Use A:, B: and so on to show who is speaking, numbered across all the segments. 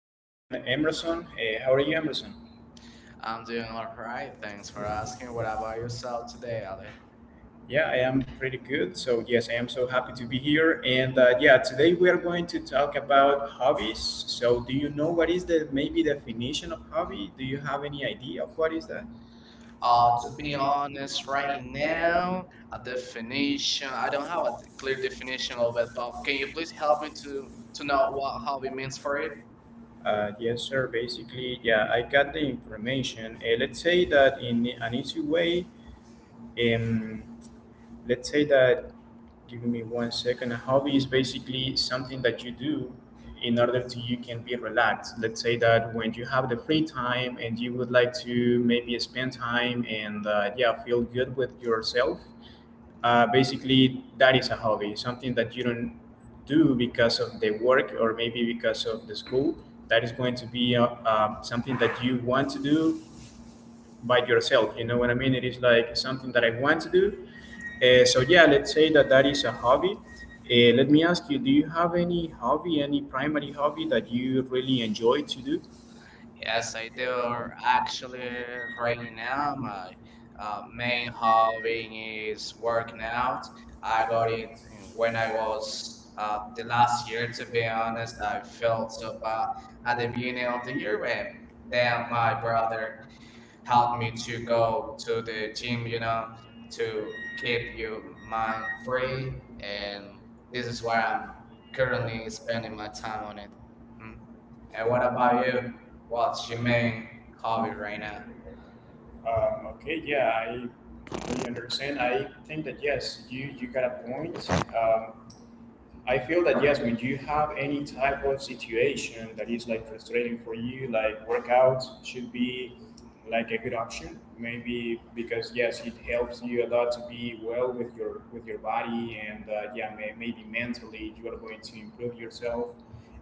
A: with my friend Emerson. How are you, Emerson?
B: I'm doing all right. Thanks for asking. What about yourself today, Ale?
A: Yeah, I am pretty good. So, yes, I am so happy to be here. And yeah, today we are going to talk about hobbies. So, do you know what is the maybe definition of hobby? Do you have any idea of what is that?
B: To be honest, right now, a definition. I don't have a clear definition of it, but can you please help me to know what hobby means for you?
A: Yes, sir. Basically, yeah, I got the information. Let's say that in an easy way, um, let's say that give me 1 second, a hobby is basically something that you do in order to you can be relaxed. Let's say that when you have the free time and you would like to maybe spend time and yeah, feel good with yourself. Basically, that is a hobby, something that you don't do because of the work or maybe because of the school. That is going to be something that you want to do by yourself. You know what I mean? It is like something that I want to do. So yeah, let's say that that is a hobby. Let me ask you, do you have any hobby, any primary hobby that you really enjoy to do?
B: Yes, I do. Actually, right now, my main hobby is working out. I got it when I was the last year, to be honest. I felt so bad at the beginning of the year, and then my brother helped me to go to the gym, to keep your mind free. And this is where I'm currently spending my time on it. Mm-hmm.
A: And
B: And what
A: what
B: about
A: about
B: you?
A: you? What's
B: What's
A: your
B: your
A: main
B: main hobby right now?
A: comment? Okay, yeah, I understand. I think that yes, you got a point. I feel that yes, when you have any type of situation that is like frustrating for you, like workouts should be like a good option, maybe because yes, it helps you a lot to be well with your body and yeah, maybe mentally you are going to improve yourself.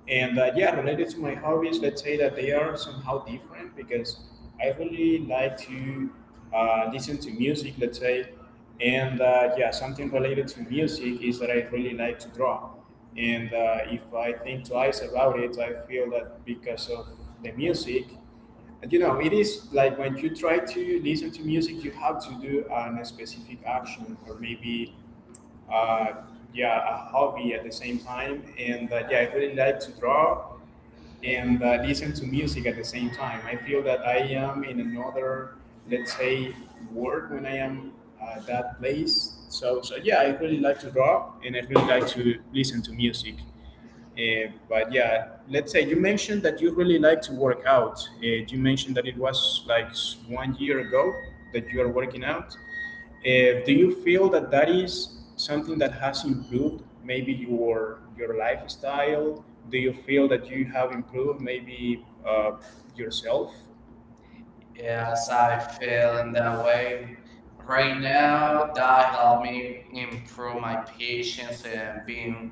A: And yeah, related to my hobbies, let's say that they are somehow different because I really like to listen to music, let's say. And yeah, something related to music is that I really like to draw. And if I think twice about it, I feel that because of the music and you know, it is like when you try to listen to music, you have to do a specific action, or maybe uh, yeah, a hobby at the same time. And yeah, I really like to draw and listen to music at the same time. I feel that I am in another, let's say, world when I am that place. So, so yeah, I really like to draw and I really like to listen to music. But yeah, let's say you mentioned that you really like to work out. You mentioned that it was like 1 year ago that you are working out. Do you feel that that is something that has improved maybe your lifestyle? Do you feel that you have improved maybe yourself? Yes,
B: Yes, I
A: I
B: feel
A: feel
B: in
A: in
B: that
A: that
B: way.
A: way.
B: Right
A: Right
B: now,
A: now,
B: that
A: that
B: helped
A: helped
B: me
A: me
B: improve
A: improve
B: my
A: my
B: patience and being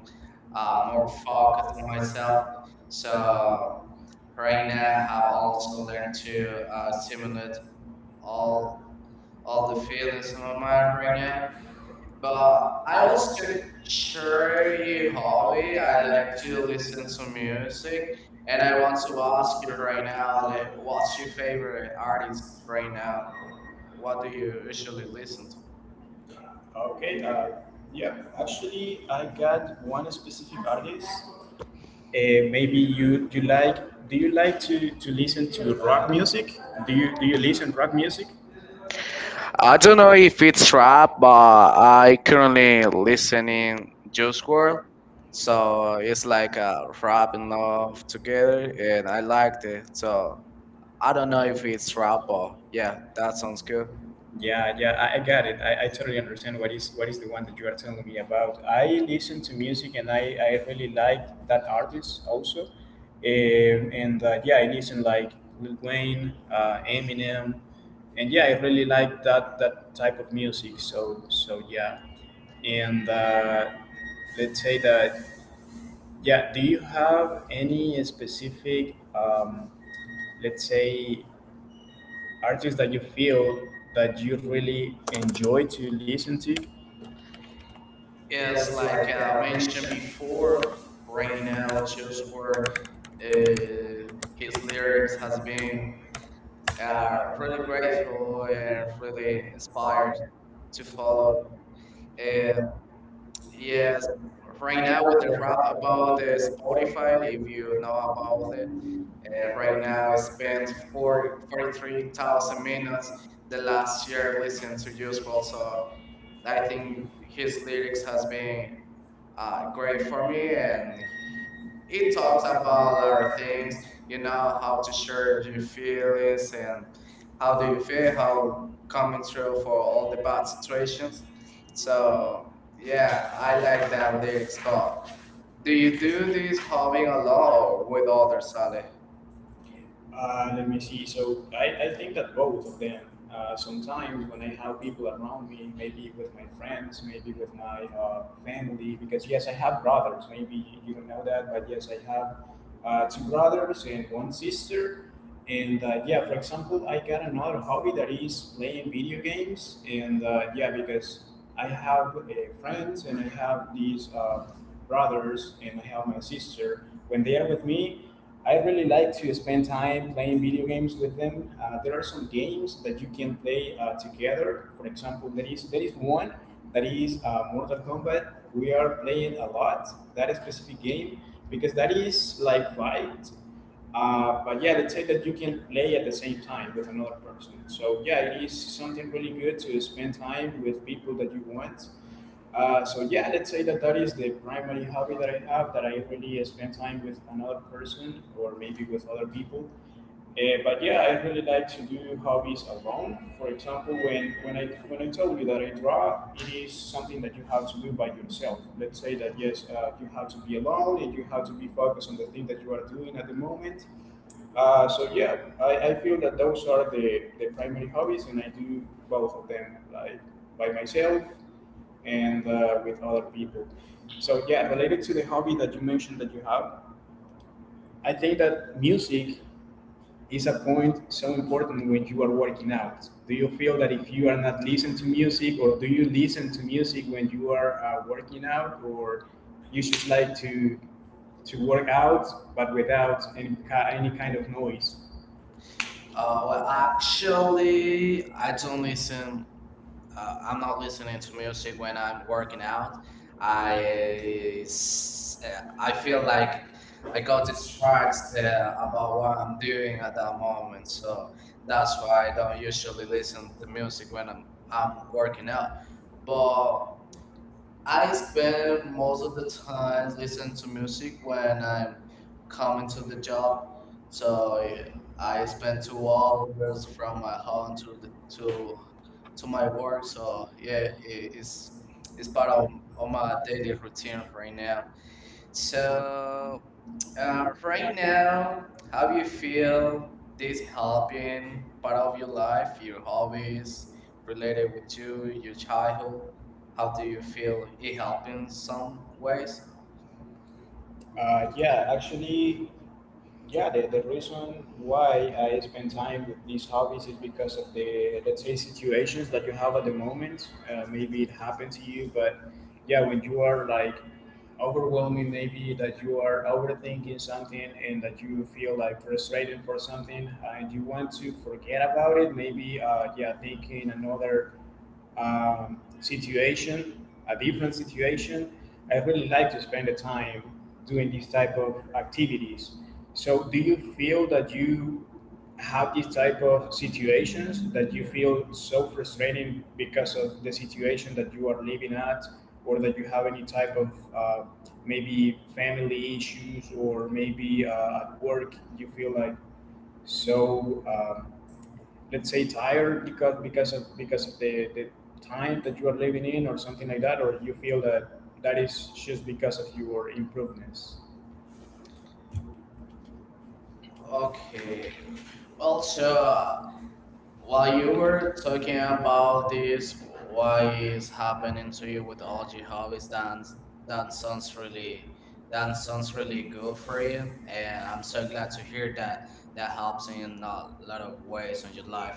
B: more
A: more
B: focused
A: focus
B: on
A: on
B: myself.
A: myself.
B: So
A: So
B: right
A: right
B: now,
A: now,
B: I've
A: I
B: also
A: also
B: learned
A: like
B: to
A: to see
B: simulate all
A: all
B: all the
A: all the field
B: feelings in
A: of
B: my mind
A: mine
B: right
A: right
B: now.
A: now.
B: But
A: But
B: I
A: I
B: also
A: also
B: share your
A: share
B: hobby.
A: hobby.
B: I
A: I
B: like
A: like
B: to
A: to
B: listen
A: listen
B: to
A: to
B: music,
A: it.
B: and
A: And
B: I
A: I
B: want to
A: also
B: ask
A: ask
B: you
A: you
B: right
A: right
B: now,
A: now,
B: like,
A: like,
B: what's
A: what's
B: your
A: your
B: favorite
A: favorite
B: artist
A: artist
B: right
A: right
B: now?
A: now?
B: What do
A: What do
B: you
A: you listen
B: usually
A: to?
B: listen to?
A: Okay. Yeah. Actually, I got one specific artist. Maybe you like, do you like to listen to rock music? Do you listen rock music?
B: I don't know if it's rap, but I currently listening Juice World, so it's like a rap and love together, and I liked it. So I don't know if it's rap, but yeah, that sounds good.
A: Yeah, yeah, I got it. I totally understand what is the one that you are telling me about. I listen to music and I really like that artist also. And yeah, I listen like Lil Wayne, Eminem, and yeah, I really like that that type of music. So so yeah, and let's say that. Yeah, do you have any specific, let's say, artists that you feel that you really enjoy to listen to?
B: Yes,
A: Yes,
B: like
A: like
B: I
A: main
B: mentioned before,
A: work
B: right
A: right
B: now,
A: now,
B: just
A: just
B: where
A: work.
B: uh,
A: Uh,
B: his lyrics
A: Lyrics
B: has
A: has
B: been
A: been
B: really
A: really great
B: grateful and
A: for the
B: really inspired
A: side
B: to
A: to
B: follow.
A: follow. And
B: Uh,
A: yeah,
B: yes, right
A: now,
B: now with the
A: they
B: rap about
A: above
B: the
A: it is
B: Spotify,
A: 45,
B: if
A: and
B: you
A: here, no,
B: know about
A: above it.
B: it,
A: And
B: right
A: right
B: now
A: now,
B: it
A: it
B: spends
A: spans
B: 40,
A: four,
B: forty-three
A: forty-three
B: thousand
A: thousand,
B: minutes the
A: the
B: last
A: last
B: year
A: year,
B: listening to Usual. So
A: so
B: I
A: I
B: think
A: think
B: his
A: this
B: lyrics
A: lyrics
B: has
A: has
B: been
A: been
B: great
A: great
B: for
A: for
B: me
A: me, and
B: and it
A: it
B: talks
A: talks
B: about a
A: about a
B: lot
A: lot
B: of
A: of
B: things,
A: things,
B: you
A: you know,
B: know, how
A: how
B: to
A: to
B: share
A: share
B: your
A: your
B: feelings
A: feelings, and
B: and how
A: how
B: do
A: do
B: you
A: you
B: feel,
A: feel,
B: how
A: how
B: coming
A: coming
B: through
A: through for
B: for all
A: all
B: the
A: the
B: bad
A: bad situations.
B: situations. So
A: So,
B: yeah,
A: yeah,
B: I
A: I
B: like
A: like
B: that
A: that
B: lyrics.
A: lyrics,
B: But
A: though.
B: do
A: Do
B: you
A: you do
B: do this
A: these
B: hobby
A: following
B: alone or
A: along
B: with
A: with all the
B: others,
A: stuff?
B: Ale?
A: Let me see. So I think that both of them. Sometimes when I have people around me, maybe with my friends, maybe with my family, because yes, I have brothers. Maybe you don't know that, but yes, I have 2 brothers and 1 sister. And yeah, for example, I got another hobby that is playing video games. And yeah, because I have friends and I have these brothers and I have my sister. When they are with me, I really like to spend time playing video games with them. There are some games that you can play together. For example, there is one that is Mortal Kombat. We are playing a lot that specific game because that is like fight. But yeah, let's say that you can play at the same time with another person. So yeah, it is something really good to spend time with people that you want. So yeah, let's say that that is the primary hobby that I have, that I really spend time with another person or maybe with other people. But yeah, I really like to do hobbies alone. For example, when I told you that I draw, it is something that you have to do by yourself. Let's say that yes, you have to be alone and you have to be focused on the thing that you are doing at the moment. So yeah, I feel that those are the primary hobbies, and I do both of them like by myself and with other people. So yeah, related to the hobby that you mentioned that you have, I think that music is a point so important when you are working out. Do you feel that if you are not listening to music, or do you listen to music when you are working out, or you just like to work out, but without any kind of noise?
B: Well,
A: Uh,
B: actually,
A: Actually,
B: I don't listen. I'm not listening to music when I'm working out.
A: I,
B: I
A: I
B: feel
A: feel
B: like
A: like
B: I
A: I
B: got
A: got
B: distracted
A: distracted
B: about
A: about
B: what
A: what
B: I'm
A: I'm
B: doing
A: doing,
B: at that moment, so
A: so
B: that's
A: that's
B: why I don't
A: why
B: usually listen to music when I'm
A: I'm
B: I'm working
A: working
B: out.
A: out.
B: But
A: But
B: I
A: I
B: spend
A: spend
B: most
A: most
B: of
A: of
B: the
A: the
B: time
A: time
B: listening
A: listening
B: to
A: to
B: music
A: music when
B: when
A: I'm
B: I'm coming
A: coming
B: to
A: to
B: the
A: the
B: job,
A: job.
B: so
A: So yeah,
B: I
A: I
B: spend
A: spend
B: two
A: two
B: hours
A: hours
B: from my home to the, to
A: to
B: to
A: to
B: my
A: my
B: work.
A: work.
B: So yeah,
A: Yeah,
B: it, it's
A: it's,
B: it's
A: it's
B: part
A: part
B: of, of
A: of my
B: my daily
A: day.
B: routine right now.
A: So
B: So
A: um,
B: right now,
A: now, how
B: have
A: do
B: you
A: you
B: feel
A: feel
B: this
A: this
B: helping
A: helping
B: part
A: part
B: of
A: of
B: your
A: your life?
B: life, your
A: You always
B: hobbies related with
A: related
B: you,
A: to
B: your
A: your
B: childhood?
A: childhood?
B: How
A: How
B: do
A: do
B: you
A: you feel
B: feel it
A: in
B: helping some
A: some
B: ways?
A: ways? Yeah, actually, yeah, the reason why I spend time with these hobbies is because of the, let's say, situations that you have at the moment. Maybe it happened to you, but yeah, when you are like overwhelming, maybe that you are overthinking something and that you feel like frustrated for something and you want to forget about it, maybe yeah, taking another situation, a different situation. I really like to spend the time doing these type of activities. So, do you feel that you have these type of situations that you feel so frustrating because of the situation that you are living at, or that you have any type of uh, maybe family issues, or maybe at work you feel like so. Let's say tired because because of the time that you are living in or something like that, or you feel that that is just because of your improvements?
B: Okay,
A: Okay.
B: well, so
A: Also,
B: while
A: while
B: you
A: you
B: were
A: were
B: talking
A: talking
B: about
A: about
B: this,
A: this,
B: what
A: why
B: is
A: is
B: happening to
A: so
B: you
A: you
B: with all your hobbies? That sounds really that sounds really good for you,
A: afraid?
B: and I'm so glad to hear that that helps in a lot of ways on your life.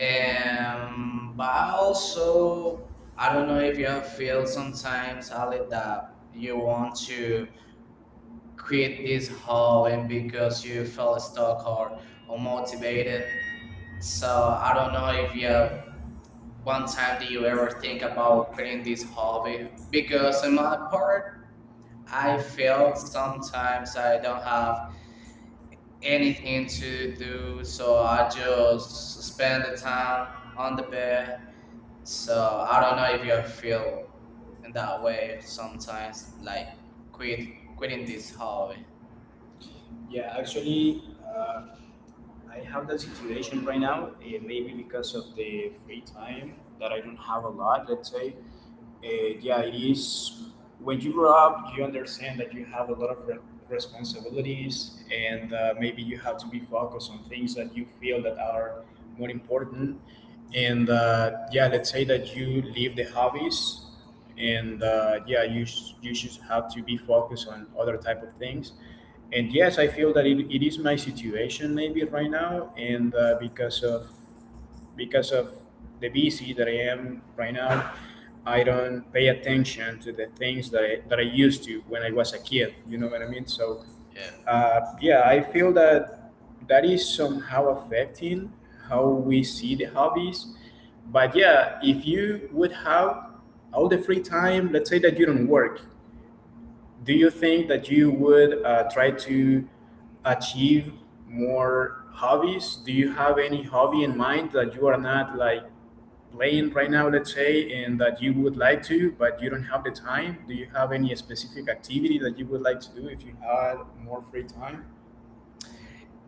B: but I
A: But
B: also
A: also,
B: I
A: I
B: don't
A: don't
B: know
A: know
B: if
A: if
B: you
A: you
B: have feel
A: feel something
B: sometimes, Ali,
A: about it
B: that
A: that
B: you
A: you
B: want
A: want
B: to
A: to
B: quit
A: quit
B: this
A: this
B: hobby
A: hobby
B: because
A: because
B: you
A: you
B: felt
A: felt
B: stuck
A: stuck
B: or
A: or
B: unmotivated.
A: motivated.
B: So
A: So
B: I
A: I
B: don't
A: don't
B: know
A: know
B: if
A: if you
B: you
A: have
B: one
A: one
B: time did
A: time, do
B: you
A: you
B: ever
A: ever
B: think
A: think
B: about
A: about
B: quitting
A: quitting,
B: this hobby? Because
A: because
B: in
A: in
B: my
A: my
B: part,
A: part
B: I
A: I
B: felt
A: felt
B: sometimes
A: sometimes
B: I
A: I
B: don't
A: don't
B: have
A: have anything
B: anything to
A: to do,
B: do, so
A: so
B: I
A: I
B: just
A: just stay
B: spend the time on the
A: on.
B: bed. So
A: So
B: I
A: I
B: don't know if
A: don't know
B: you
A: if you
B: feel
A: feel
B: in that
A: that
B: way
A: way, so
B: sometimes, like
A: like,
B: quit
A: quit
B: quitting
A: quit
B: this
A: this
B: hobby.
A: hobby. Yeah, actually, I have that situation right now, eh, maybe because of the free time that I don't have a lot, let's say. Uh, yeah, it is. When you grow up, you understand that you have a lot of responsibilities, and maybe you have to be focused on things that you feel that are more important. And yeah, let's say that you leave the hobbies, and yeah, you should have to be focused on other type of things. And yes, I feel that it is my situation maybe right now, and because of the busy that I am right now. I don't pay attention to the things that I used to when I was a kid. You know what I mean? So,
B: Yeah.
A: yeah, I feel that that is somehow affecting how we see the hobbies. But yeah, if you would have all the free time, let's say that you don't work, do you think that you would try to achieve more hobbies? Do you have any hobby in mind that you are not like playing right now, let's say, and that you would like to, but you don't have the time? Do you have any specific activity that you would like to do if you had more free time?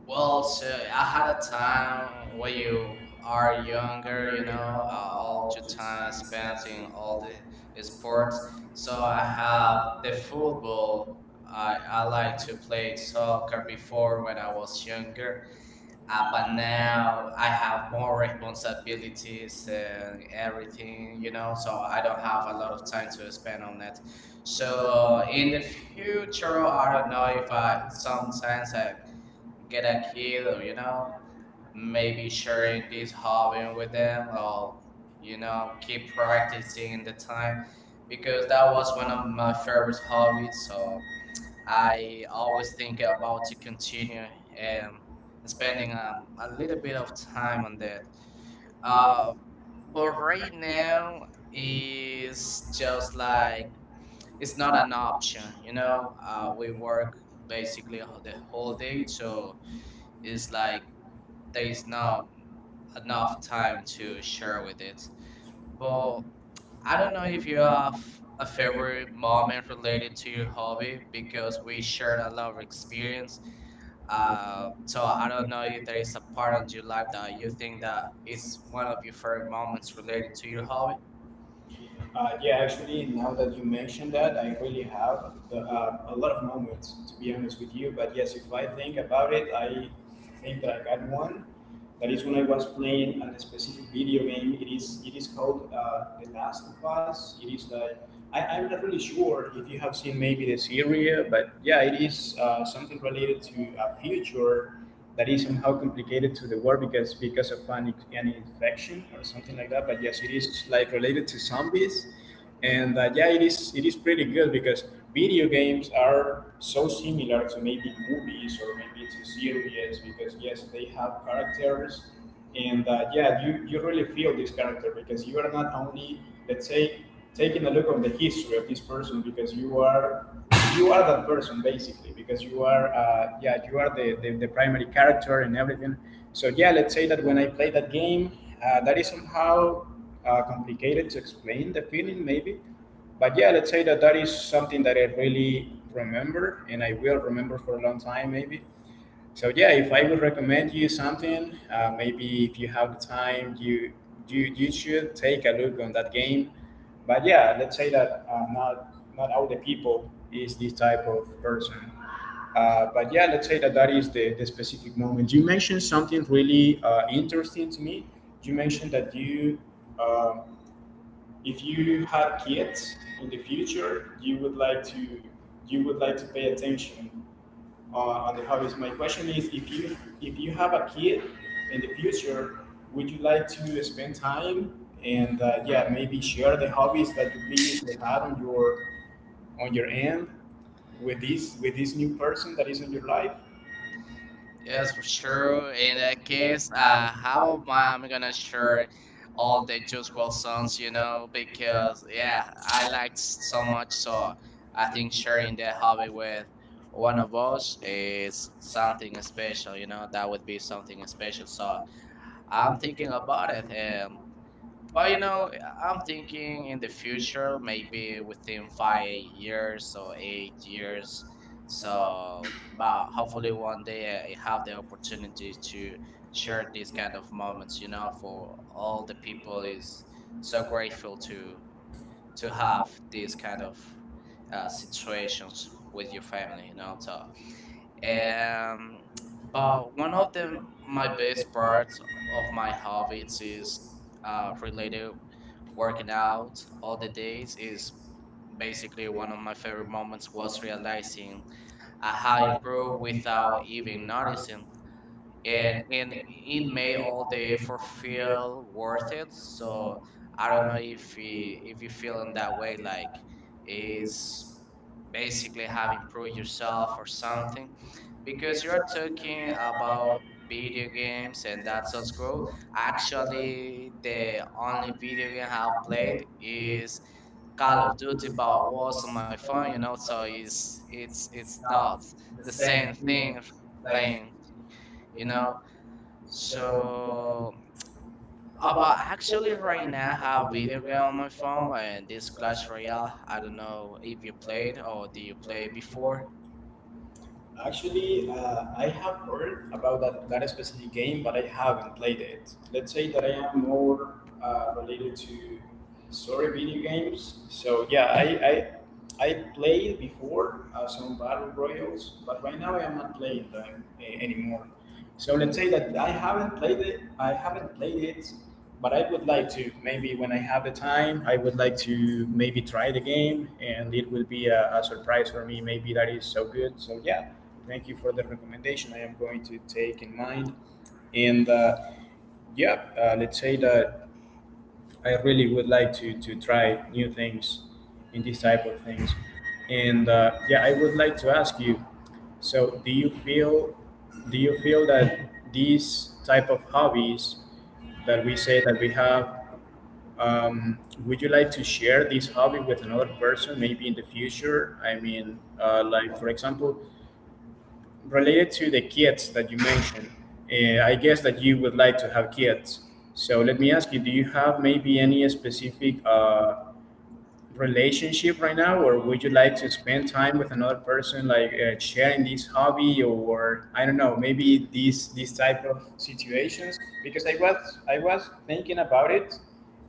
B: Well,
A: Well,
B: so
A: so
B: I
A: I
B: had
A: had
B: a
A: a time
B: time when
A: when you
B: you are
A: are
B: younger,
A: younger,
B: all
A: all
B: your
A: the
B: time is
A: time
B: spent
A: spent
B: in
A: in
B: all
A: all
B: the
A: the
B: sports.
A: sports.
B: So
A: So
B: I
A: I
B: have
A: have
B: the
A: the
B: football.
A: football
B: I like
A: that
B: to
A: took
B: play
A: place well
B: soccer
A: going
B: before
A: forward.
B: when I was younger,
A: Uh,
B: but
A: but
B: now
A: now
B: I
A: I
B: have
A: have
B: more
A: more rare diseases.
B: responsibilities and everything, so I don't
A: I
B: have a lot of time to spend on it. So
A: So
B: in the
A: in the
B: future,
A: future,
B: I
A: I
B: don't
A: don't
B: know if
A: know if
B: I
A: I sometimes
B: sometimes I get
A: get
B: a
A: a
B: kid
A: kid,
B: or
A: you know,
B: maybe
A: maybe sharing
B: sharing this
A: this
B: hobby
A: hobby
B: with
A: with them,
B: them or keep
A: you practice
B: practicing
A: it.
B: the time because
A: Because
B: that
A: that
B: was
A: was
B: one
A: one
B: of
A: of
B: my
A: my
B: favorite
A: first
B: hobbies.
A: hobbies,
B: So
A: so I
B: I always think
A: think they're
B: about to continue spending a little bit of time on that
A: uh,
B: uh
A: for
B: but right now is
A: it's
B: just
A: just
B: like
A: like,
B: it's not an option. you
A: you
B: know
A: know,
B: uh we work
A: for,
B: basically the whole day, so it's like there is not enough time to share with it.
A: so
B: But I
A: I
B: don't know
A: don't know
B: if
A: if
B: you
A: you
B: have
A: are
B: a favorite
A: involved
B: moment related to your hobby because we shared a lot of experience.
A: uh,
B: So
A: so.
B: I don't know if there is a part on your life that you think that is one of your favorite moments related to your hobby.
A: Yeah, actually, now that you mentioned that, I really have a lot of moments, to be honest with you. But yes, if I think about it, I think that I got one. That is when I was playing a specific video game. It is called The Last of Us. It is like I'm not really sure if you have seen maybe the series, but yeah, it is something related to a future that is somehow complicated to the war because of an infection or something like that. But yes, it is like related to zombies, and yeah, it is pretty good because video games are so similar to maybe movies or maybe to series because yes, they have characters and that yeah you really feel this character because you are not only, let's say, taking a look on the history of this person because you are that person basically because you are yeah, you are the primary character and everything. So yeah, let's say that when I play that game, that is somehow complicated to explain the feeling maybe. But yeah, let's say that that is something that I really remember and I will remember for a long time maybe. So yeah, if I would recommend you something, maybe if you have the time, you should take a look on that game. But yeah, let's say that not all the people is this type of person. But yeah, let's say that that is the specific moment. You mentioned something really interesting to me. You mentioned that you um, if you had kids in the future, you would like to pay attention on the hobbies. My question is, if you have a kid in the future, would you like to spend time and yeah, maybe share the hobbies that you previously had on your end with this new person that is in your life?
B: Yes,
A: Yes,
B: for
A: so
B: sure. In that case, how am I? I'm gonna share all the Juice WRLD songs,
A: uh,
B: because yeah, I liked so much. So I think sharing that hobby with one of us is something special. That would be something special. So I'm thinking about it, and but I'm thinking in the future, maybe within 5 years or 8 years. So, but
A: by
B: hopefully one day I have the opportunity to share these kind of moments. For all the people
A: is
B: is so
A: suffering
B: grateful to
A: to,
B: to
A: to
B: have
A: have
B: these
A: these
B: kind
A: kind
B: of
A: of
B: situations
A: situations with
B: with your
A: your
B: family.
A: family,
B: You
A: you
B: know,
A: know, so.
B: so
A: And
B: um, but one of
A: not
B: the
A: the
B: my
A: my
B: best
A: biggest part
B: parts of
A: of
B: my
A: my
B: hobbies
A: hobbies
B: is
A: is related
B: related
A: to
B: working
A: working
B: out
A: out
B: all
A: all
B: the
A: the
B: days
A: days
B: is
A: is
B: basically
A: basically one
B: one of
A: of
B: my
A: my
B: favorite
A: favorite
B: moments
A: hobbies
B: was
A: was realizing
B: realizing I
A: I how
B: had
A: to
B: improved
A: grow
B: without
A: without
B: even
A: even
B: noticing.
A: noticing
B: And
A: and
B: and
A: in
B: it
A: any
B: made
A: way
B: all
A: all
B: the
A: day
B: effort
A: for fear
B: feel worth
A: worth
B: it.
A: it.
B: So
A: So
B: I
A: I
B: don't know
A: don't think
B: if
A: we
B: you
A: we
B: feel
A: feel
B: in
A: in
B: that
A: that
B: way
A: way
B: like
A: that
B: is
A: it's
B: basically
A: basically
B: have
A: have to
B: improved
A: do
B: yourself
A: yourself or
B: or
A: something
B: something because
A: because
B: you're
A: you're
B: talking
A: assuming about
B: about
A: being
B: video
A: and
B: games and that
A: that's
B: sort
A: in
B: of growth.
A: school. Actually,
B: Actually,
A: the
B: the only
A: only
B: video
A: media
B: game
A: that
B: I've
A: I
B: played
A: play is
B: is Call
A: Call
B: of
A: of
B: Duty,
A: Duty
B: but it was
A: Mobile.
B: on my phone. So it's not the same thing playing, you know.
A: So
B: So, but actually, right
A: so
B: now I have video game on my phone, and this Clash Royale. I don't know if you played or did you play before.
A: actually, I have heard about that specific game, but I haven't played it. Let's say that I am more related to story video games. So yeah, I played before some battle royals, but right now I am not playing them anymore. So let's say that I haven't played it. I haven't played it, but I would like to maybe when I have the time, I would like to maybe try the game, and it will be a surprise for me. Maybe that is so good. So yeah, thank you for the recommendation. I am going to take in mind, and yeah, let's say that I really would like to try new things in this type of things, and yeah, I would like to ask you. So do you feel that these type of hobbies that we say that we have um, would you like to share this hobby with another person, maybe in the future? I mean, like for example, related to the kids that you mentioned, I guess that you would like to have kids. So let me ask you: do you have maybe any specific relationship right now, or would you like to spend time with another person, like sharing this hobby, or I don't know, maybe these type of situations? Because I was thinking about it,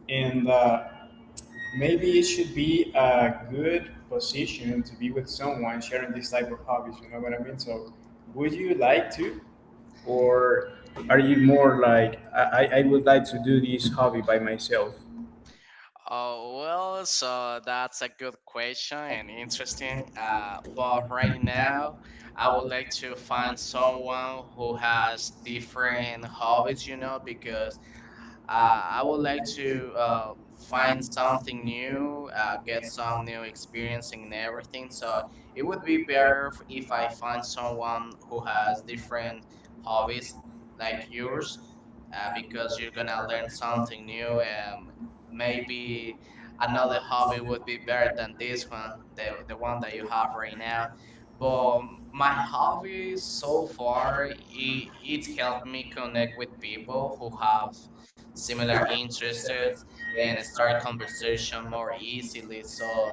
A: and maybe it should be a good position to be with someone sharing this type of hobbies. You know what I mean? So, would you like to, or are you more like I would like to do this hobby by myself?
B: Oh, well, so that's a good question and interesting. But right now, I would like to find someone who has different hobbies, because
A: I
B: I would
A: know
B: like
A: that
B: to
A: you
B: find
A: find
B: something
A: something new.
B: new,
A: You
B: get some new experience and everything. So it would
A: will
B: be
A: be there
B: better if I find someone who has
A: uh,
B: different
A: always.
B: hobbies like yours, because you're gonna learn
A: Something
B: something new.
A: new. And
B: Maybe another
A: another
B: hobby would be better than this one, the one that you have right now. But
A: goal.
B: my hobby
A: Always
B: so
A: so
B: far, it
A: please
B: helped
A: help
B: me
A: me
B: connect
A: connect
B: with
A: with
B: people
A: people
B: who
A: who
B: have
A: have
B: similar
A: similar
B: interests
A: interests
B: and
A: and
B: start
A: start conversation
B: conversation more
A: more easy.
B: easily. So
A: So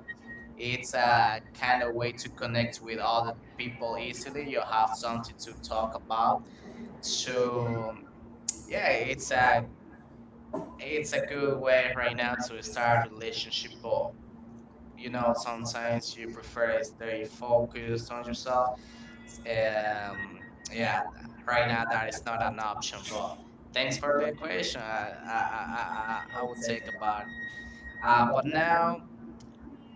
B: it's
A: it's
B: a
A: a
B: kind of
A: kind of
B: way to connect with other people easily. You have something
A: process.
B: to talk about. So yeah,
A: It's
B: it's a
A: a,
B: it's
A: it's
B: a
A: a
B: good
A: good
B: way
A: way
B: right now to start relationship. But
A: people, you know,
B: Sometimes you prefer to stay
A: very involved with
B: focused on yourself.
A: and
B: Um, yeah, right
A: writing
B: now that is not an option, but thanks
A: things
B: for
A: for
B: the
A: it.
B: question. I would take about but
A: Um,
B: now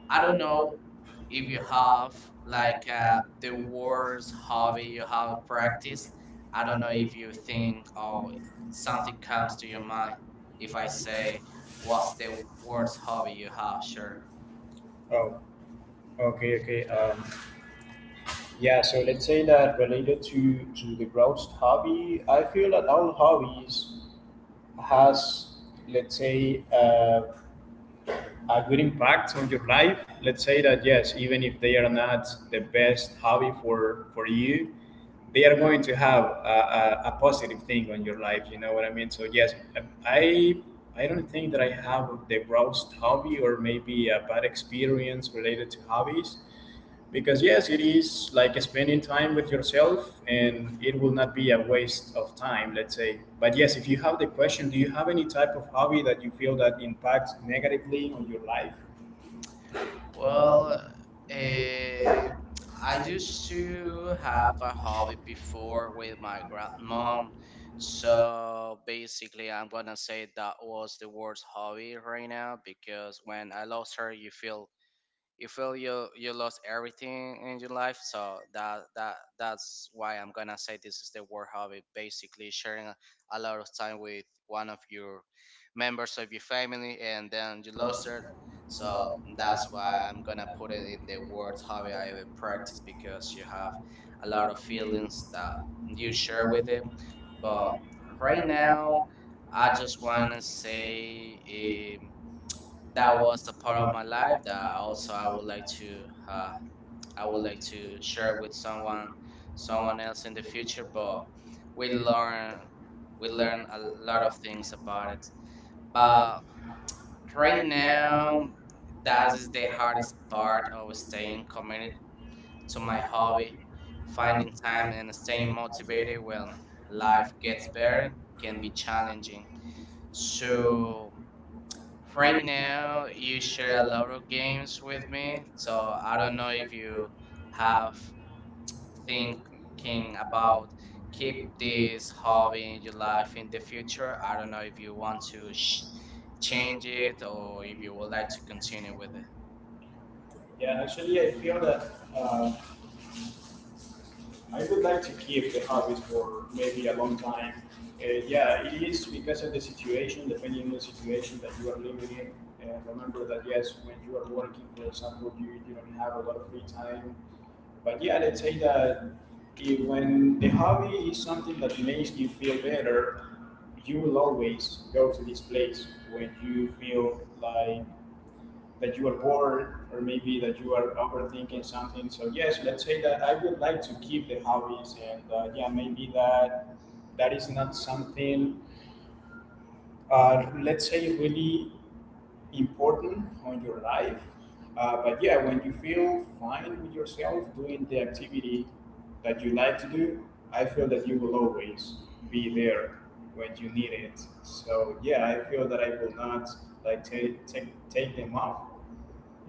B: I
A: I
B: don't
A: don't
B: know
A: know
B: if you
A: if uh,
B: have like
A: like uh,
B: the worst hobby you have practiced. I
A: I
B: don't
A: don't
B: know
A: know
B: if
A: if
B: you
A: you think
B: think or something comes to your mind if I
A: they
B: say what's
A: walk
B: the
A: or
B: worst hobby you have. Sure.
A: oh, okay, okay. Yeah, so let's say that related to the browsed hobby, I feel that all hobbies has, let's say, a good impact on your life. Let's say that yes, even if they are not the best hobby for you, they are going to have a positive thing on your life. You know what I mean? So yes, i I don't think that I have the worst hobby or maybe a bad experience related to hobbies because yes, it is like spending time with yourself and it will not be a waste of time, let's say. But yes, if you have the question, do you have any type of hobby that you feel that impacts negatively on your life?
B: Well,
A: Well,
B: eh, I
A: I do
B: used to have a
A: have,
B: hobby before with my grandmom.
A: so
B: So basically, I'm gonna say that was the worst hobby right now because when I lost her, you feel you lost everything in your life, so that's why I'm gonna say this is the work hobby basically sharing a lot of time with one of your members of your family and then you lost it, so
A: so
B: that's
A: that's
B: why
A: why
B: I'm gonna put it in the word hobby I ever practice because you have a lot of feelings
A: feelings
B: that you
A: you
B: share
A: share
B: with
A: with
B: it.
A: it.
B: But
A: But
B: right
A: right
B: now
A: now,
B: I
A: I
B: just
A: just
B: wanna say that
A: that
B: was a
A: was
B: part of
A: fun.
B: my life that also I
A: So.
B: would like to uh, I would like
A: Elements.
B: to share with
A: So,
B: someone else in the future. But we learn we learn a lot of things about it.
A: uh,
B: But right
A: right
B: now,
A: now,
B: that
A: that
B: is the hardest part of
A: is
B: staying committed to my
A: so,
B: hobby, finding
A: find
B: time
A: time,
B: and staying motivated when life
A: like
B: gets better can be challenging.
A: to tell
B: So right now, you share a lot of games with me, so I don't know if you have thinking about keep
A: keep.
B: this hobby in your life in the future. I don't know if you want to change it or if you would like to continue with it.
A: Yeah, actually, I feel that uh, I would like to keep the hobbies for maybe a long time. Yeah, it is because of the situation, depending on the situation that you are living in. Remember that, yes, when you are working, for example, you don't have a lot of free time. But yeah, let's say that if, when the hobby is something that makes you feel better, you will always go to this place when you feel like that you are bored or maybe that you are overthinking something. So yes, let's say that I would like to keep the hobbies and yeah, maybe that that is not something let's say really important on your life. But yeah, when you feel fine with yourself doing the activity that you like to do, I feel that you will always be there when you need it. So yeah, I feel that I will not like take them off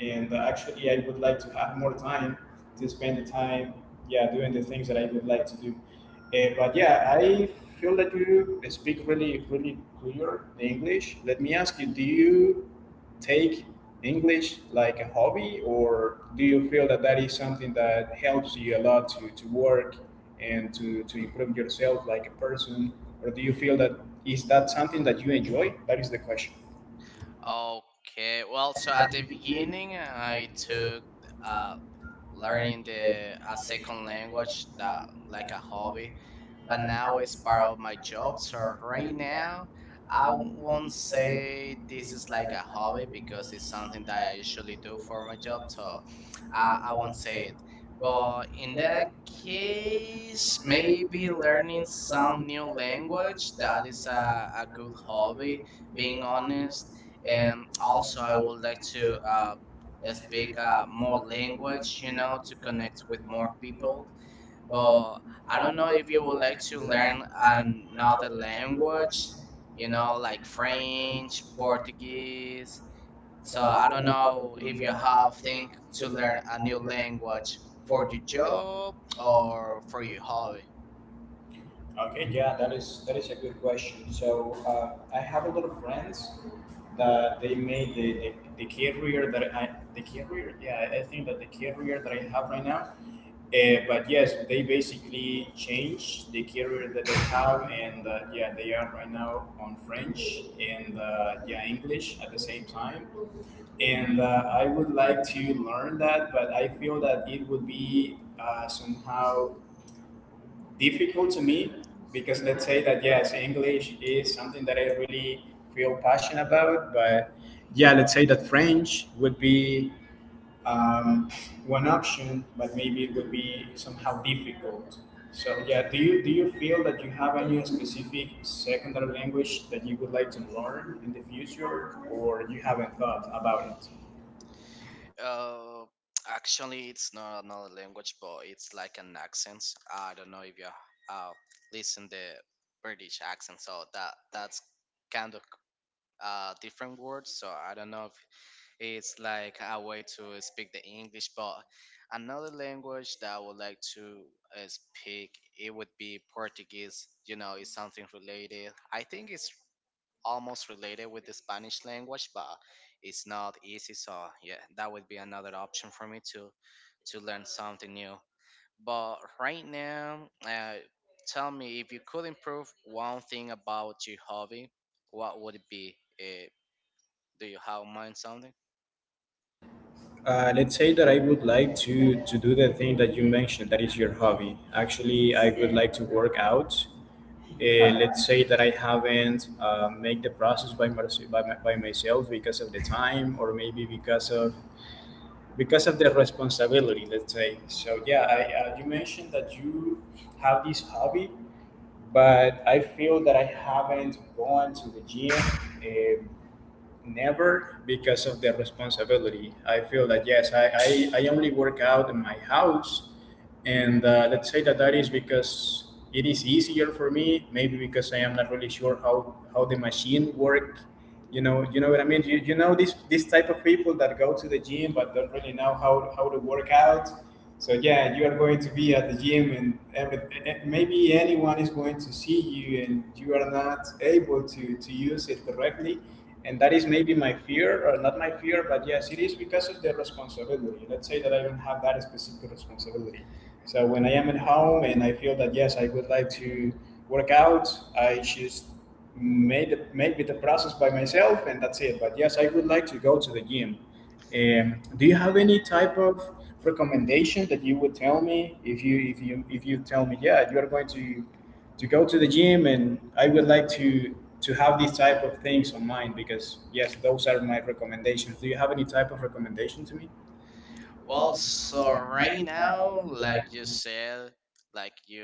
A: and actually, I would like to have more time to spend the time yeah doing the things that I would like to do. But yeah, I feel that you speak really really clear the English. Let me ask you, do you take English like a hobby or do you feel that that is something that helps you a lot to work and to improve yourself like a person, or do you feel that is that something that you enjoy? That is the question
B: Okay, well, so at the
A: begin
B: beginning, I took uh, learning the a second language that like a hobby but now it's part of
A: outside
B: my job. So right
A: rain.
B: now, I
A: I
B: won't
A: would say
B: say this is
A: it's
B: like a hobby because it's something that I usually do for my job. So I,
A: I
B: I won't say it. But in that
A: yeah,
B: case,
A: maybe
B: maybe learning
A: like
B: some
A: some
B: new language, that is
A: shots
B: a good hobby,
A: probably
B: being
A: honest
B: honest.
A: and
B: And also, I
A: also
B: would like to speak more language, you know, to connect with more
A: wrong
B: people,
A: people.
B: but
A: Well,
B: I
A: I
B: don't
A: don't
B: know
A: know
B: if you would like to learn
A: if I'm
B: another
A: not an English
B: language, you know, like French, Portuguese. So
A: so
B: I don't know if you have think to
A: to
B: learn
A: learn
B: a new language for your job
A: um
B: or for your hobby.
A: okay, yeah, that is a good question. So I have a lot of friends that they made the career that I the career, yeah, I think that the career that I have right now. But yes, they basically changed the career that they have, and yeah, they are right now on French and yeah, English at the same time. And I would like to learn that, but I feel that it would be somehow difficult to me, because let's say that yes, English is something that I really feel passionate about, but yeah, let's say that French would be um, one option, but maybe it would be somehow difficult. So yeah, do you feel that you have any specific secondary language that you would like to learn in the future, or you haven't thought about it?
B: Uh, actually, it's not another language, but it's like an accent. I don't know if you uh, listen the British accent, so that's kind of different words. So I don't know if it's like a way to speak the English, but another language that I would like to speak it would be Portuguese. You know, it's something related. I think it's almost related with the Spanish language, but it's not easy. So yeah, that would be another option for me to learn something new. But right now, tell me if you could improve one thing about your hobby, what would it be? Do you have in mind something?
A: Let's say that I would like to do the thing that you mentioned, that is your hobby. Actually, I would like to work out. Let's say that I haven't made the process by, by myself, because of the time, or maybe because of the responsibility, let's say. So yeah, you mentioned that you have this hobby, but I feel that I haven't gone to the gym Uh, never, because of the responsibility. I feel that yes, I only work out in my house, and let's say that that is because it is easier for me. Maybe because I am not really sure how the machine work. You know what I mean. You know this type of people that go to the gym but don't really know how to work out. So yeah, you are going to be at the gym, and every, maybe anyone is going to see you, and you are not able to use it correctly, and that is maybe my fear, or not my fear, but yes, it is because of the responsibility. Let's say that I don't have that specific responsibility. So when I am at home and I feel that yes, I would like to work out, I just made the process by myself, and that's it. But yes, I would like to go to the gym. Do you have any type of recommendation that you would tell me, if you if you tell me, yeah, you are going to go to the gym, and I would like to have these type of things on mind, because yes, those are my recommendations. Do you have any type of recommendation to me?
B: Well,
A: Well,
B: so
A: so
B: right
A: right now,
B: now, like
A: like,
B: you said, like you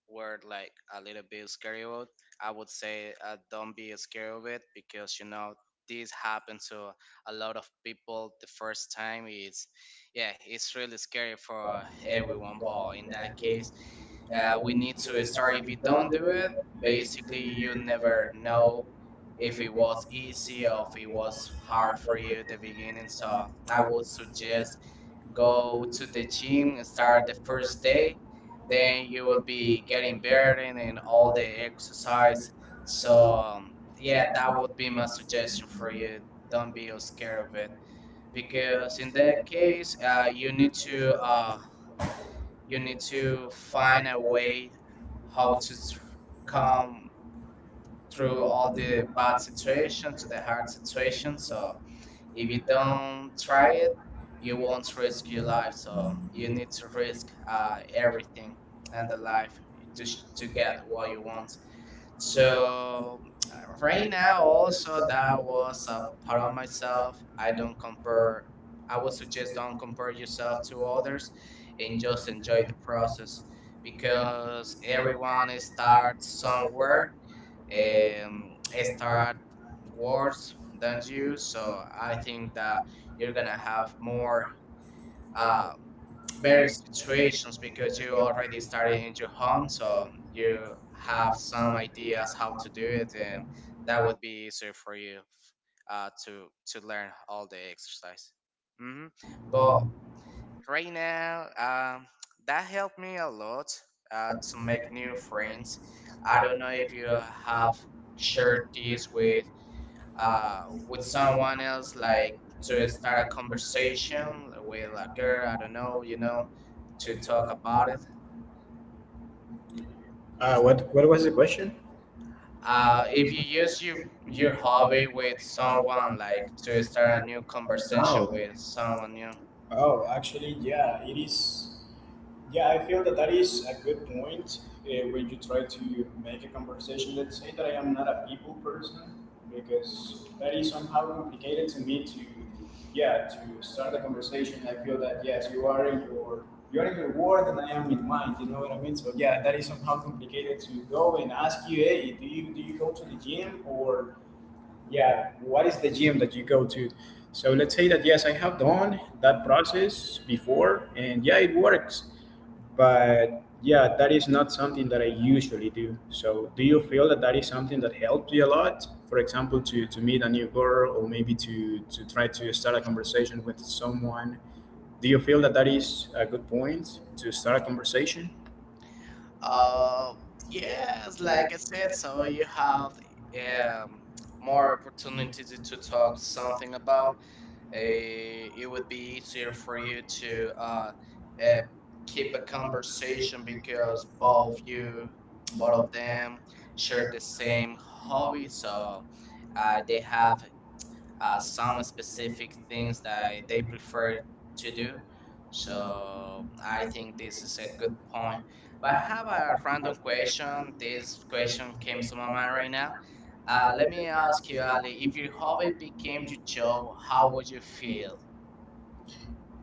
B: were like a little bit scared of it. I would say don't be scared of it because you know this happened to a lot of people the first time. It's yeah, it's really scary for
A: in
B: everyone. But in that
A: that
B: case,
A: case,
B: we
A: we
B: need
A: need to
B: to start. If
A: decide
B: you
A: we
B: don't
A: don't do
B: do it,
A: it based
B: basically
A: on
B: you never
A: our
B: know
A: knowledge,
B: if it was easy
A: you
B: or if it
A: know,
B: was hard
A: our
B: for you at the beginning. So I
A: I
B: would
A: would suggest
B: suggest
A: go
B: go
A: to
B: to the gym
A: seeing
B: and
A: the
B: start
A: start
B: the
A: of
B: first
A: the
B: day,
A: day, then
B: then you
A: you
B: will
A: will
B: be
A: be
B: getting
A: getting
B: better
A: there
B: and all the
A: all the
B: exercise.
A: exercise.
B: So
A: So
B: yeah,
A: yeah,
B: that
A: now
B: would be my suggestion for you. Don't be scared of it because
A: you
B: in that
A: dedicate,
B: case,
A: you need
B: you
A: uh,
B: need to
A: to
B: find
A: find
B: a
A: a way
B: way how
A: how
B: to
A: to come
B: come through
A: through
B: all
A: all
B: the
A: the
B: bad
A: bad
B: situations to the hard situations.
A: situations.
B: So if you
A: If you don't
B: don't try
A: try
B: it,
A: it,
B: you
A: you
B: won't
A: will
B: risk
A: stress
B: your life.
A: yourself.
B: So you
A: You
B: need
A: need
B: to
A: to
B: risk
A: everything
B: everything and the
A: in your
B: life
A: life
B: to to
A: to
B: get
A: get
B: what you
A: what you
B: want.
A: want. So
B: So right
A: right
B: now,
A: now, all the
B: also
A: stuff that
B: that
A: I would
B: was a
A: myself,
B: part of myself. I
A: I
B: don't
A: don't
B: compare.
A: for
B: I
A: I
B: would
A: was
B: suggest
A: doing
B: don't compare yourself
A: stuff
B: to others, and just
A: so
B: enjoy the
A: you
B: process
A: process
B: because
A: every
B: everyone
A: uh,
B: starts somewhere,
A: software and
B: um,
A: and uh,
B: start wars than you.
A: you.
B: So I think that
A: That
B: you're gonna have more
A: uh,
B: uh,
A: um,
B: better
A: very
B: situations because
A: good
B: you
A: to go
B: already
A: ahead and
B: started
A: carry
B: in your
A: the
B: home,
A: com,
B: so
A: so you
B: you have
A: have
B: some ideas how to
A: to
B: do
A: do
B: it,
A: it.
B: and that
A: That
B: would
A: was
B: be easier for you to learn all the exercise. Hmm. But
A: cool.
B: right now, that helped me a lot to make
A: Make
B: new
A: new friends.
B: friends. I don't know
A: I'm
B: if you have shared
A: sure
B: this
A: he's with uh,
B: uh, with someone
A: someone
B: else, like
A: like
B: to start a
A: suicide
B: conversation with a girl. I don't know, you know, to
A: to
B: talk
A: talk
B: about it.
A: about what was the question?
B: If you use
A: Relationships.
B: your
A: You're
B: hobby
A: following
B: with someone,
A: someone
B: like
A: like
B: to start a
A: suicide
B: new
A: or
B: conversation with
A: someone.
B: someone new.
A: Oh, actually, yeah, it is. Yeah, I feel that that is a good point, when you try to make a conversation. Let's say that I am not a people person, because that is somehow complicated to me to yeah to start a conversation. I feel that yes, you are in your world and I am in mine. You know what I mean? So yeah, that is somehow complicated to go and ask you, hey, do you go to the gym, or yeah, what is the gym that you go to? So let's say that yes, I have done that process before, and yeah, it works, but yeah, that is not something that I usually do. So do you feel that that is something that helped you a lot, for example, to meet a new girl, or maybe to try to start a conversation with someone? Do you feel that that is a good point to start a
B: Uh, yes, like I said, so you have um, more opportunities to talk something about. Uh, it would be easier for you to uh, keep a
A: conversation,
B: conversation because
A: because of
B: both of
A: love
B: them, share the
A: servicing
B: same hobby,
A: homes.
B: so they
A: They
B: have
A: have
B: some
A: some
B: specific things
A: things
B: that they prefer
A: for
B: to
A: to
B: do.
A: do. So
B: So I
A: I think
B: think this
A: this
B: is a
A: is a
B: good
A: good
B: point.
A: point.
B: But I
A: But I
B: have
A: don't know
B: a random
A: if I
B: question.
A: question, this
B: This question
A: question
B: came to
A: came
B: my
A: from
B: mind
A: my
B: right
A: right
B: now.
A: now.
B: Let me
A: Let me
B: ask
A: ask
B: you,
A: you,
B: Ali, if
A: if
B: your
A: you
B: hobby
A: probably
B: became your job, how
A: how
B: would
A: would
B: you
A: you
B: feel?
A: feel?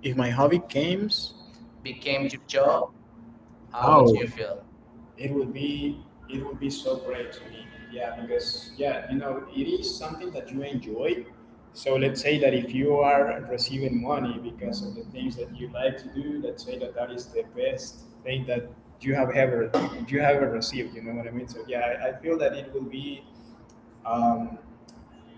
A: If my hobby comes,
B: Became
A: can
B: your
A: you
B: job,
A: job?
B: how would
A: Oh,
B: you
A: oh, give
B: feel?
A: him. It would be so great to me, yeah, because yeah, you know, it is something that you enjoy. So let's say that if you are receiving money because of the things that you like to do, let's say that that is the best thing that you have ever received. You know what I mean? So yeah, I feel that it will be um,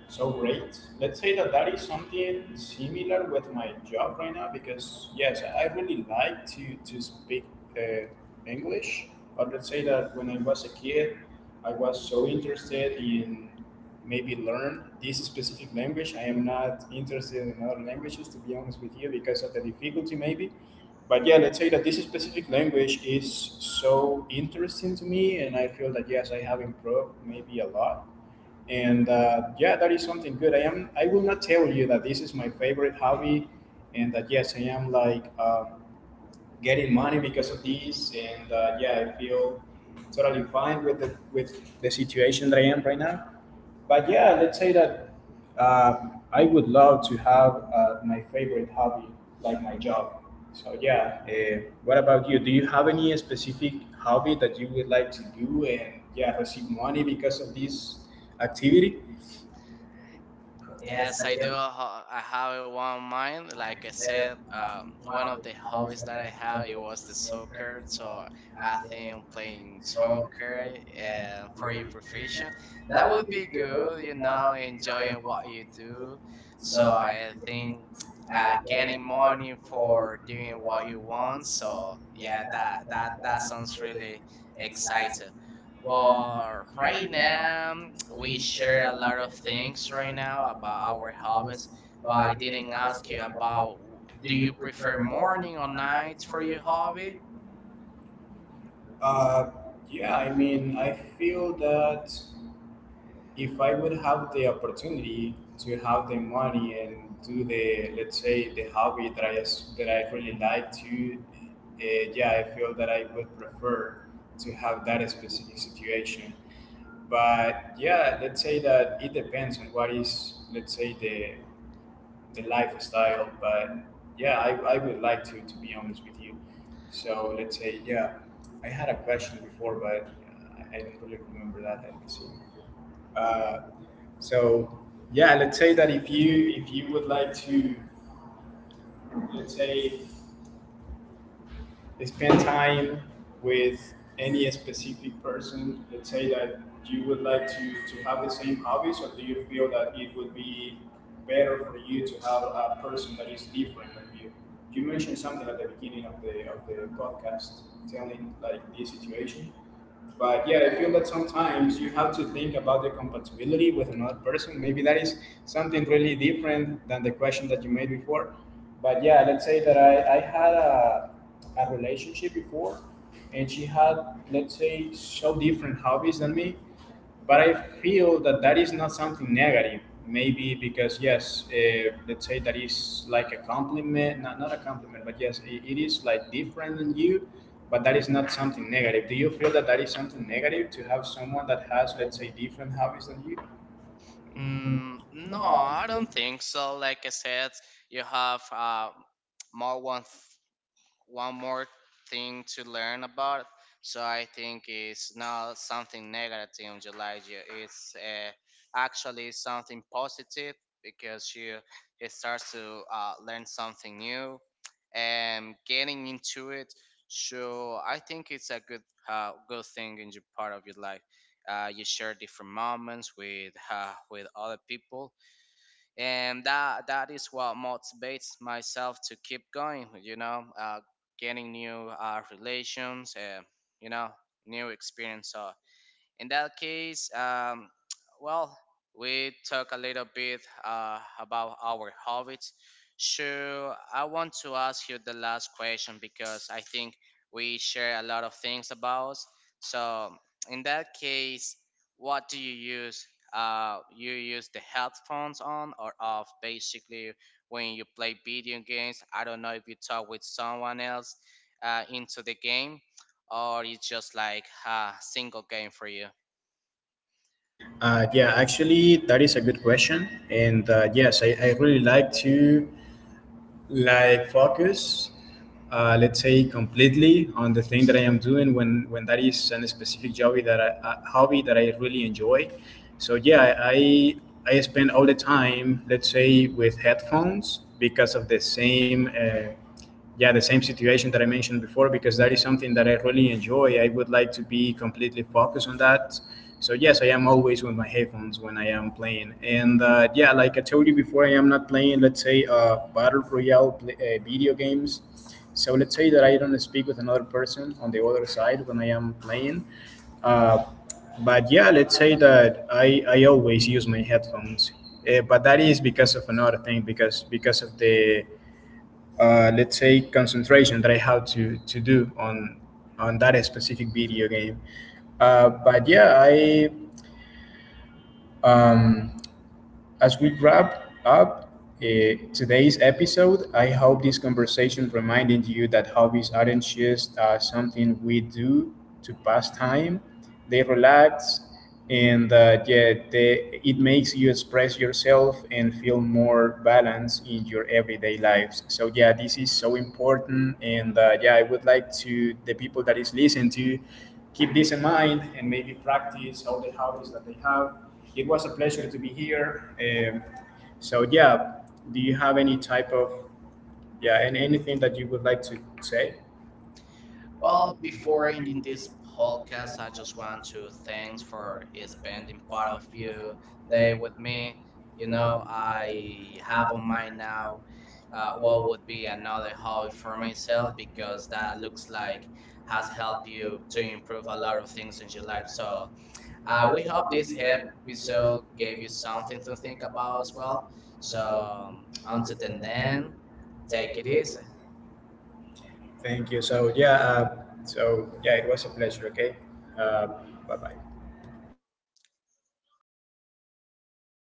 A: so great. Let's say that that is something similar with my job right now, because yes, I really like to speak uh, English. But let's say that when I was a kid, I was so interested in maybe learn this specific language. I am not interested in other languages, to be honest with you, because of the difficulty, maybe. But yeah, let's say that this specific language is so interesting to me, and I feel that yes, I have improved maybe a lot. And yeah, that is something good. I am. I will not tell you that this is my favorite hobby, and that yes, I am like. Getting money because of this, and yeah, I feel totally fine with the situation that I am right now. But yeah, let's say that I would love to have my favorite hobby, like my job. So yeah, what about you? Do you have any specific hobby that you would like to do, and yeah, receive money because of this activity?
B: Yes,
A: Yes,
B: I do. I have one mind. Like I said, one of the hobbies that I have it was the soccer. So I
A: uh,
B: think playing
A: so
B: soccer and for your profession, that
A: that
B: would
A: would
B: be
A: be
B: good. You
A: really
B: know, enjoying what
A: employees.
B: you do. So
A: So I
B: I think
A: think
B: getting
A: getting
B: money
A: more
B: for
A: for
B: doing what you
A: what you
B: want. So
A: saw.
B: yeah,
A: Yeah,
B: that that that
A: that's
B: sounds really exciting.
A: exciting. Well,
B: But right
A: right
B: now, we
A: now,
B: share a
A: share
B: lot of
A: about
B: things right now about our hobbies.
A: knowledge
B: But I
A: by
B: didn't
A: getting
B: ask
A: asked
B: you about
A: about,
B: do
A: do
B: you
A: you
B: prefer
A: prefer
B: morning
A: more
B: or night for
A: for
B: your
A: your
B: hobby?
A: hobby? Uh, yeah, I mean, I feel that if I would have the opportunity to have the money and do the let's say the hobby that that I really like to, yeah, I feel that I would prefer to have that specific situation. But yeah, let's say that it depends on what is let's say the lifestyle. But yeah, I would like to be honest with you. So let's say yeah, I had a question before, but I don't really remember that. Let me see. Uh, so yeah, let's say that if you would like to, let's say, spend time with any specific person? Let's say that you would like to, have the same hobbies, or do you feel that it would be better for you to have a person that is different than you? You mentioned something at the beginning of the podcast, telling like this situation. But yeah, I feel that sometimes you have to think about the compatibility with another person. Maybe that is something really different than the question that you made before. But yeah, let's say that I had a relationship before, and she had, let's say, so different hobbies than me. But I feel that that is not something negative. Maybe because, yes, let's say that is like a compliment, not a compliment, but yes, it is like different than you, but that is not something negative. Do you feel that that is something negative to have someone that has, let's say, different hobbies than you?
B: Mm, no, I don't think so. Like I said, you have more one more thing to learn about. So I think it's not something negative in July. It's actually something positive because you it starts to learn something new and getting into it. So I think it's a good good thing in your part of your life. You share different moments with other people and that is what motivates myself to keep going, you know, getting new relations and you know new experience. So in that case, well, we talk a little bit about our hobbies. So I want to ask you the last question because I think we share a lot of things about us. So in that case, what do you use? You use the headphones on or off basically when you play video games. I don't know if you talk with someone else into the game or it's just like a single game for you.
A: Yeah, actually, that is a good question, and yes, I really like to like focus, let's say, completely on the thing that I am doing when that is a specific hobby that I, a hobby that I really enjoy. So yeah, I spend all the time, let's say, with headphones because of the same. Yeah, the same situation that I mentioned before, because that is something that I really enjoy. I would like to be completely focused on that. So yes, I am always with my headphones when I am playing. And yeah, like I told you before, I am not playing, let's say, battle royale play, video games. So let's say that I don't speak with another person on the other side when I am playing. Uh, but yeah, let's say that I always use my headphones. But that is because of another thing, because of the let's say concentration that I have to do on that specific video game. But yeah, I um, as we wrap up today's episode, I hope this conversation reminded you that hobbies aren't just something we do to pass time. They relax, and yet it makes you express yourself and feel more balanced in your everyday lives. So yeah, this is so important, and yeah, I would like to the people that is listening to keep this in mind and maybe practice all the hobbies that they have. It was a pleasure to be here. So yeah, do you have any type of yeah, and anything that you would like to say?
B: Well,
A: Well,
B: before
A: before
B: ending
A: in
B: this
A: this whole
B: podcast, I just want to thanks for spending part of
A: part,
B: your day
A: they
B: with me. You know,
A: now I
B: I have on
A: haven't
B: mind now what would
A: followed
B: be another hobby
A: all
B: for myself
A: myself,
B: because
A: because
B: that
A: that
B: looks
A: looks
B: like
A: like
B: has
A: has
B: helped
A: helped
B: you
A: you
B: to
A: a
B: improve a lot of
A: lot of
B: things in your life.
A: feedback.
B: So
A: So
B: we
A: I will
B: hope
A: not
B: this
A: be head, we
B: episode
A: serve
B: gave you something to think about as well.
A: well.
B: So
A: So
B: until
A: until the
B: then,
A: end,
B: take it
A: take a
B: easy.
A: risk. Thank you. So yeah, it was a pleasure. Okay, uh, bye bye.